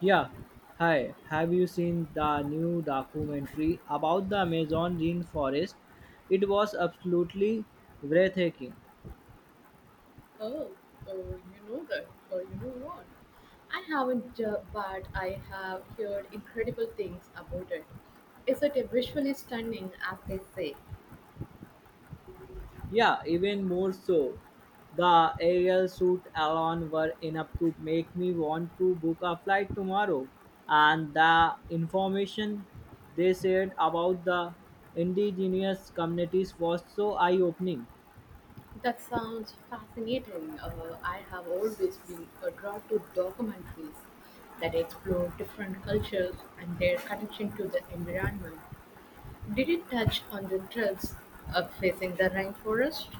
Yeah, hi. Have you seen the new documentary about the Amazon rainforest? It was absolutely breathtaking. Oh, oh, you know that. Oh, you know what? I haven't, but I have heard incredible things about it. Is it a visually stunning, as they say? Yeah, even more so. The aerial shoot alone were enough to make me want to book a flight tomorrow. And the information they shared about the indigenous communities was so eye opening. That sounds fascinating. I have always been drawn to documentaries that explore different cultures and their connection to the environment. Did it touch on the threats of facing the rainforest?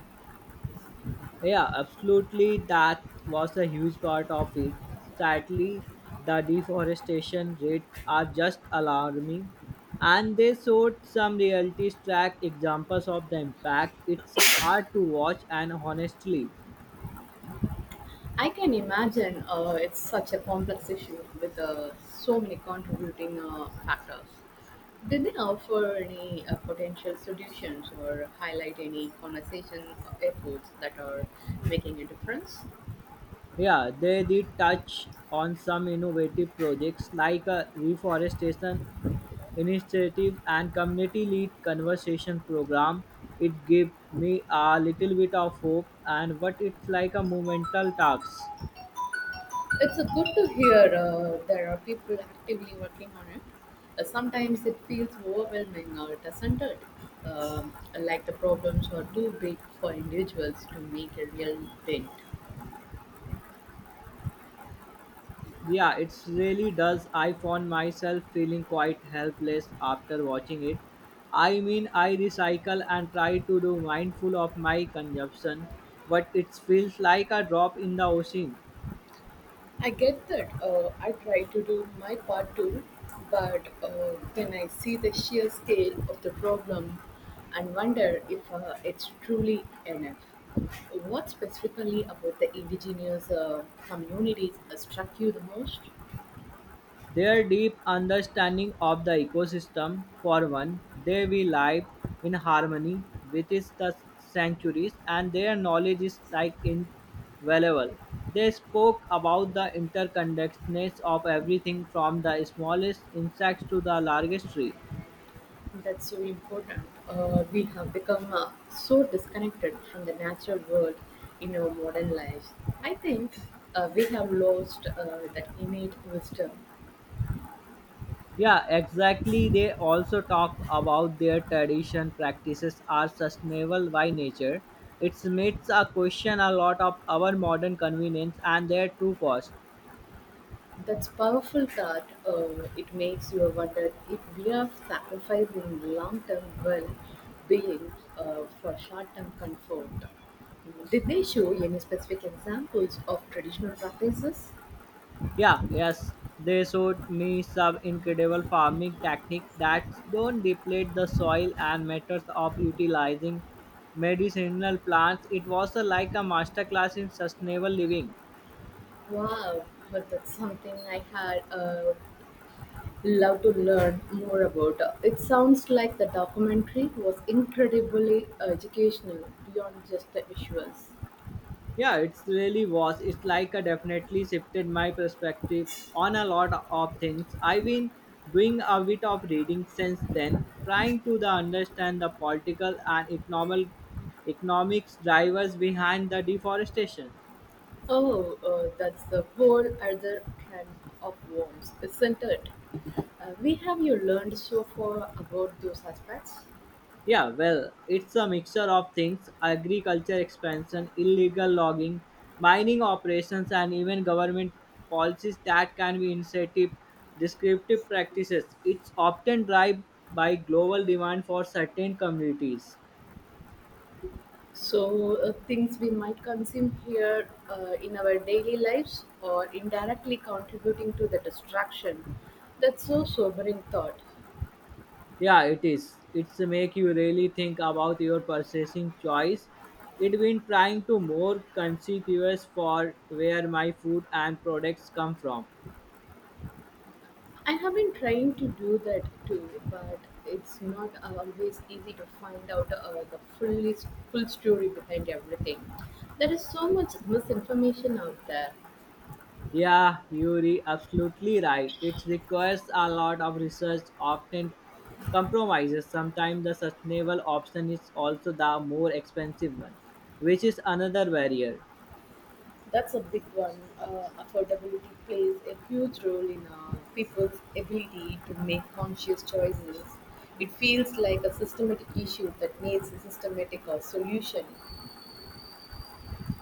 Yeah, absolutely. That was a huge part of it. Sadly, the deforestation rates are just alarming, and they showed some reality track examples of the impact. It's hard to watch, and honestly, I can imagine it's such a complex issue with so many contributing factors. Did they offer any potential solutions or highlight any conservation efforts that are making a difference? yeah, they did touch on some innovative projects like reforestation initiative and community led conversation program. It gave me a little bit of hope and what it's like a momental task. It's good to hear there are people actively working on it. Sometimes it feels overwhelming or doesn't it? Um, like the problems are too big for individuals to make a real dent. Yeah, it really does. I found myself feeling quite helpless after watching it. I mean, I recycle and try to do mindful of my consumption, but it feels like a drop in the ocean. I get that. I try to do my part too, but then I see the sheer scale of the problem and wonder if it's truly enough. What specifically about the indigenous communities struck you the most? Their deep understanding of the ecosystem, for one, they will live in harmony with its the sanctuaries, and their knowledge is like invaluable. They spoke about the interconnectedness of everything from the smallest insects to the largest tree. That's so important. We have become so disconnected from the natural world in our modern lives. I think we have lost that innate wisdom. Yeah, exactly. They also talk about their tradition practices are sustainable by nature. It makes a question a lot of our modern convenience and their true cost. That's powerful thought. It makes you wonder if we are sacrificing long term well being for short term comfort. Did they show any specific examples of traditional practices? Yeah, yes, they showed me some incredible farming technique that don't deplete the soil and methods of utilizing medicinal plants. It was like a masterclass in sustainable living. Wow, but that's something I had love to learn more about. It sounds like the documentary was incredibly educational beyond just the visuals. Yeah, it's really was. It's like a definitely shifted my perspective on a lot of things. I've been doing a bit of reading since then, trying to the understand the political and economics drivers behind the deforestation. Oh, that's the whole other can of worms, isn't it? We have you learned so far about those aspects? Yeah, well, it's a mixture of things: agriculture expansion, illegal logging, mining operations, and even government policies that can be incentive descriptive practices. It's often driven by global demand for certain communities. So, things we might consume here in our daily lives or indirectly contributing to the destruction. That's so sobering thought. Yeah, it is. It's make you really think about your purchasing choice. It been trying to more conspicuous for where my food and products come from. I have been trying to do that too, but it's not always easy to find out the full story behind everything. There is so much misinformation out there. Yeah, Yuri, absolutely right. It requires a lot of research, often compromises. Sometimes the sustainable option is also the more expensive one, which is another barrier. That's a big one. Affordability plays a huge role in people's ability to make conscious choices. It feels like a systematic issue that needs a systematic solution.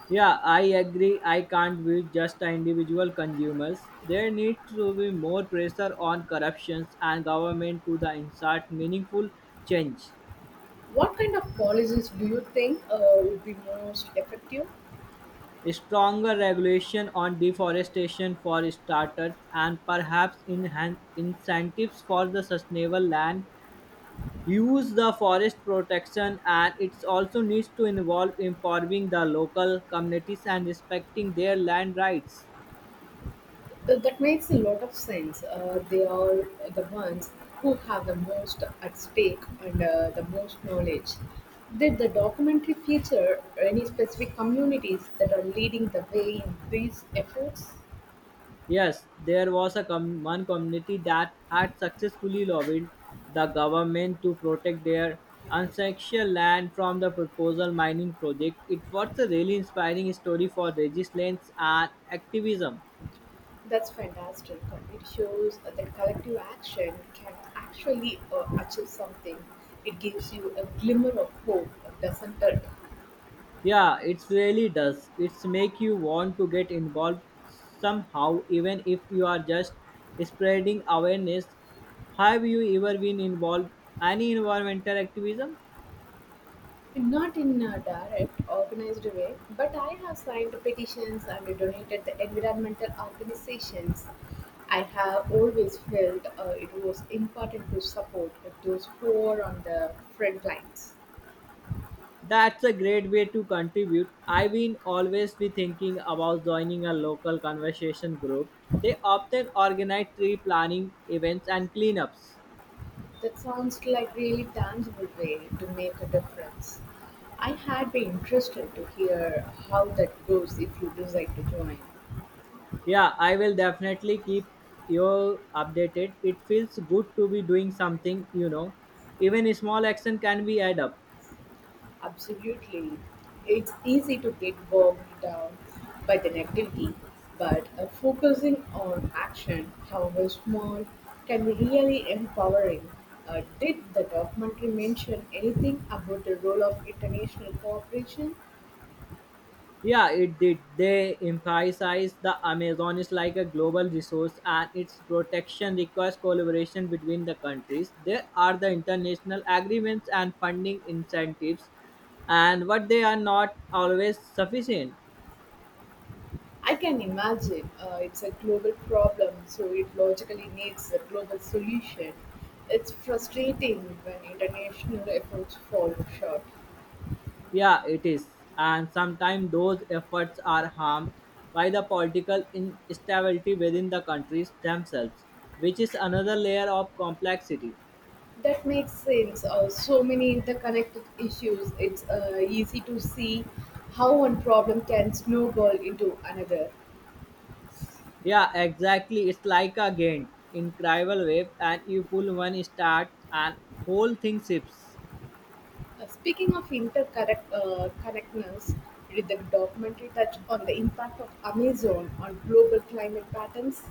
Yeah, I agree. I can't be just individual consumers. There needs to be more pressure on corruptions and government to the insert meaningful change. What kind of policies do you think would be most effective? Stronger regulation on deforestation for starters, and perhaps enhanced incentives for the sustainable land use the forest protection, and it also needs to involve improving the local communities and respecting their land rights. That makes a lot of sense. They are the ones who have the most at stake and the most knowledge. Did the documentary feature any specific communities that are leading the way in these efforts? Yes, there was a one community that had successfully lobbied the government to protect their ancestral land from the proposal mining project. It was a really inspiring story for resistance and activism. That's fantastic. It shows that collective action can actually achieve something. It gives you a glimmer of hope, doesn't it? Yeah, it really does. It's make you want to get involved somehow, even if you are just spreading awareness. Have you ever been involved any environmental activism? Not in a direct, organized way, but I have signed petitions and donated to environmental organizations. I have always felt it was important to support those who are on the front lines. That's a great way to contribute. I've been always be thinking about joining a local conversation group. They often organize tree planning events and cleanups. That sounds like really tangible way to make a difference. I had been interested to hear how that goes if you decide to join. Yeah, I will definitely keep you updated. It feels good to be doing something. Even a small action can be add up. Absolutely. It's easy to get bogged down by the negativity, but focusing on action, however small, can be really empowering. Did the documentary mention anything about the role of international cooperation? Yeah, it did. They emphasized the Amazon is like a global resource and its protection requires collaboration between the countries. There are the international agreements and funding incentives, and what they are not always sufficient. I can imagine it's a global problem, so it logically needs a global solution. It's frustrating when international efforts fall short. Yeah, it is. And sometimes those efforts are harmed by the political instability within the countries themselves, which is another layer of complexity. That makes sense. So many interconnected issues. It's easy to see how one problem can snowball into another. Yeah, exactly. It's like a game in Crivel Wave, and you pull one start, and whole thing shifts. Speaking of interconnect connectedness, did the documentary touch on the impact of Amazon on global climate patterns?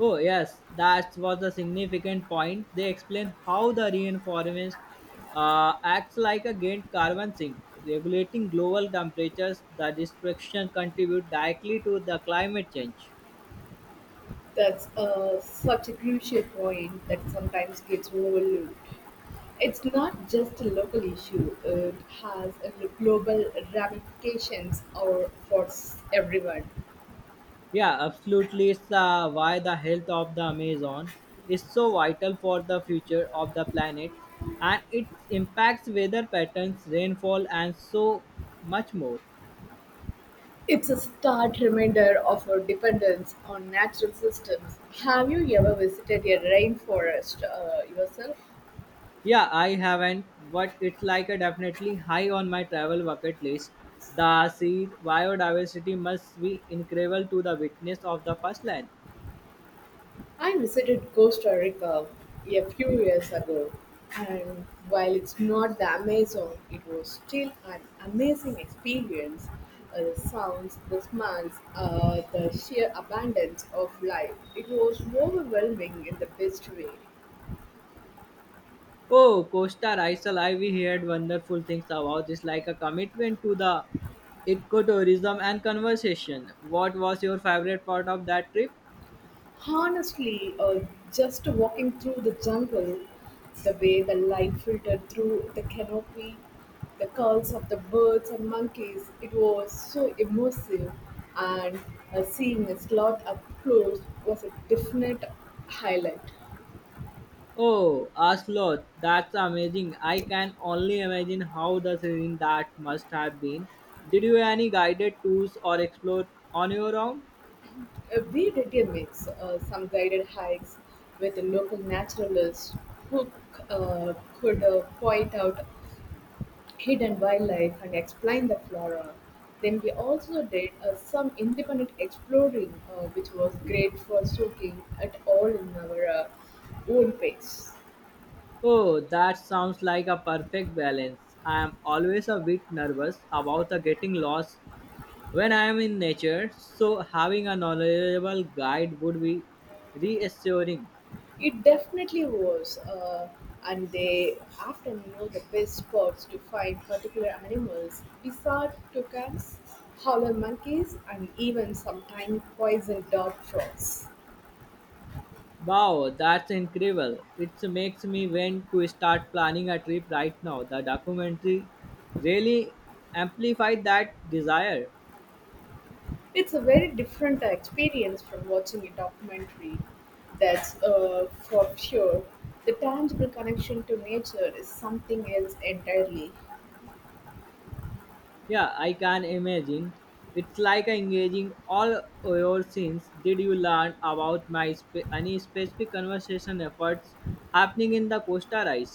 Oh yes, that was a significant point. They explain how the reinforcement acts like a gained carbon sink, regulating global temperatures. The destruction contribute directly to the climate change. That's such a crucial point that sometimes gets overlooked. It's not just a local issue; it has a global ramifications or for everyone. Yeah, absolutely. It's why the health of the Amazon is so vital for the future of the planet, and it impacts weather patterns, rainfall, and so much more. It's a stark reminder of our dependence on natural systems. Have you ever visited a rainforest yourself? Yeah, I haven't, but it's like a definitely high on my travel bucket list. The sea biodiversity must be incredible to the witness of the first land. I visited Costa Rica a few years ago, and while it's not the Amazon, it was still an amazing experience. The sounds, the smells, the sheer abundance of life. It was overwhelming in the best way. Oh, Costa Rica, I we heard wonderful things about. It's like a commitment to the ecotourism and conversation. What was your favorite part of that trip? Honestly, just walking through the jungle, the way the light filtered through the canopy, the calls of the birds and monkeys, it was so immersive. And seeing a sloth up close was a definite highlight. Oh, Oslo, that's amazing. I can only imagine how the serene that must have been. Did you any guided tours or explore on your own? We did a mix, some guided hikes with a local naturalist who could point out hidden wildlife and explain the flora. Then we also did some independent exploring, which was great for soaking at all in our own pace. Oh, that sounds like a perfect balance. I am always a bit nervous about the getting lost when I am in nature, so having a knowledgeable guide would be reassuring. It definitely was, and they often know the best spots to find particular animals. We saw toucans, howler monkeys, and even some tiny poison dart frogs. Wow, that's incredible. It makes me want to start planning a trip right now. The documentary really amplified that desire. It's a very different experience from watching a documentary. That's for sure. The tangible connection to nature is something else entirely. Yeah, I can imagine. It's like engaging all your sins. Did you learn about my any specific conversation efforts happening in the Costa Rica?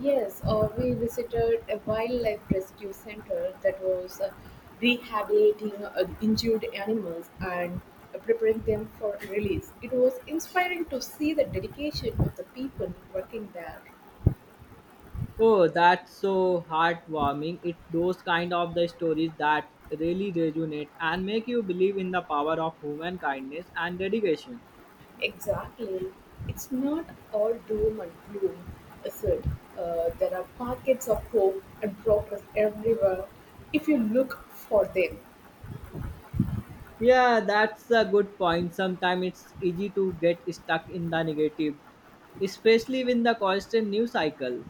Yes, we visited a wildlife rescue center that was rehabilitating injured animals and preparing them for release. It was inspiring to see the dedication of the people working there. Oh, that's so heartwarming. It's those kind of the stories that really resonate and make you believe in the power of human kindness and dedication. Exactly. It's not all doom and gloom, is it? There are pockets of hope and progress everywhere if you look for them. Yeah, that's a good point. Sometimes it's easy to get stuck in the negative, especially with the constant news cycle.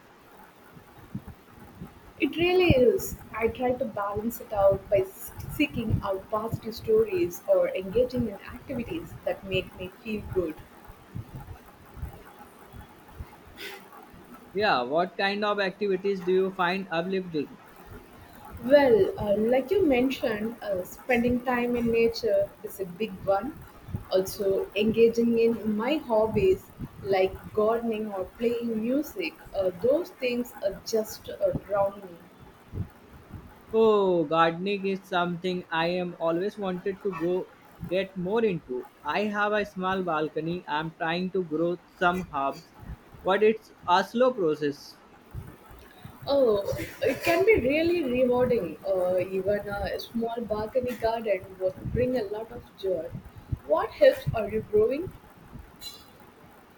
It really is. I try to balance it out by seeking out positive stories or engaging in activities that make me feel good. Yeah, what kind of activities do you find uplifting? Well, like you mentioned, spending time in nature is a big one. Also, engaging in my hobbies like gardening or playing music, those things are just drown me. Oh, gardening is something I am always wanted to go get more into. I have a small balcony. I'm trying to grow some herbs, but it's a slow process. Oh, it can be really rewarding. Even a small balcony garden would bring a lot of joy. What helps are you growing?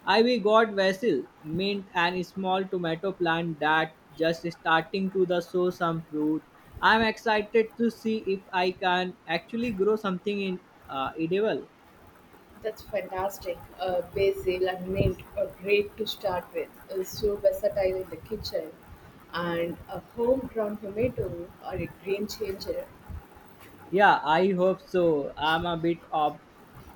I we got basil, mint, and a small tomato plant that just starting to the show some fruit. I'm excited to see if I can actually grow something in edible. That's fantastic. Basil and mint are great to start with. So versatile in the kitchen. And a homegrown tomato are a game changer. Yeah, I hope so. I'm a bit of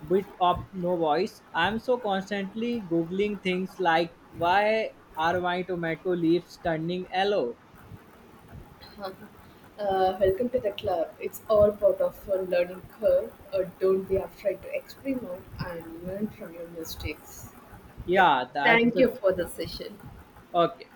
bit of no voice. I'm so constantly googling things like why are my tomato leaves turning yellow? Welcome to the club. It's all part of a learning curve. Don't be afraid to experiment and learn from your mistakes. Yeah, Yeah, that's thank the you for the session. okay.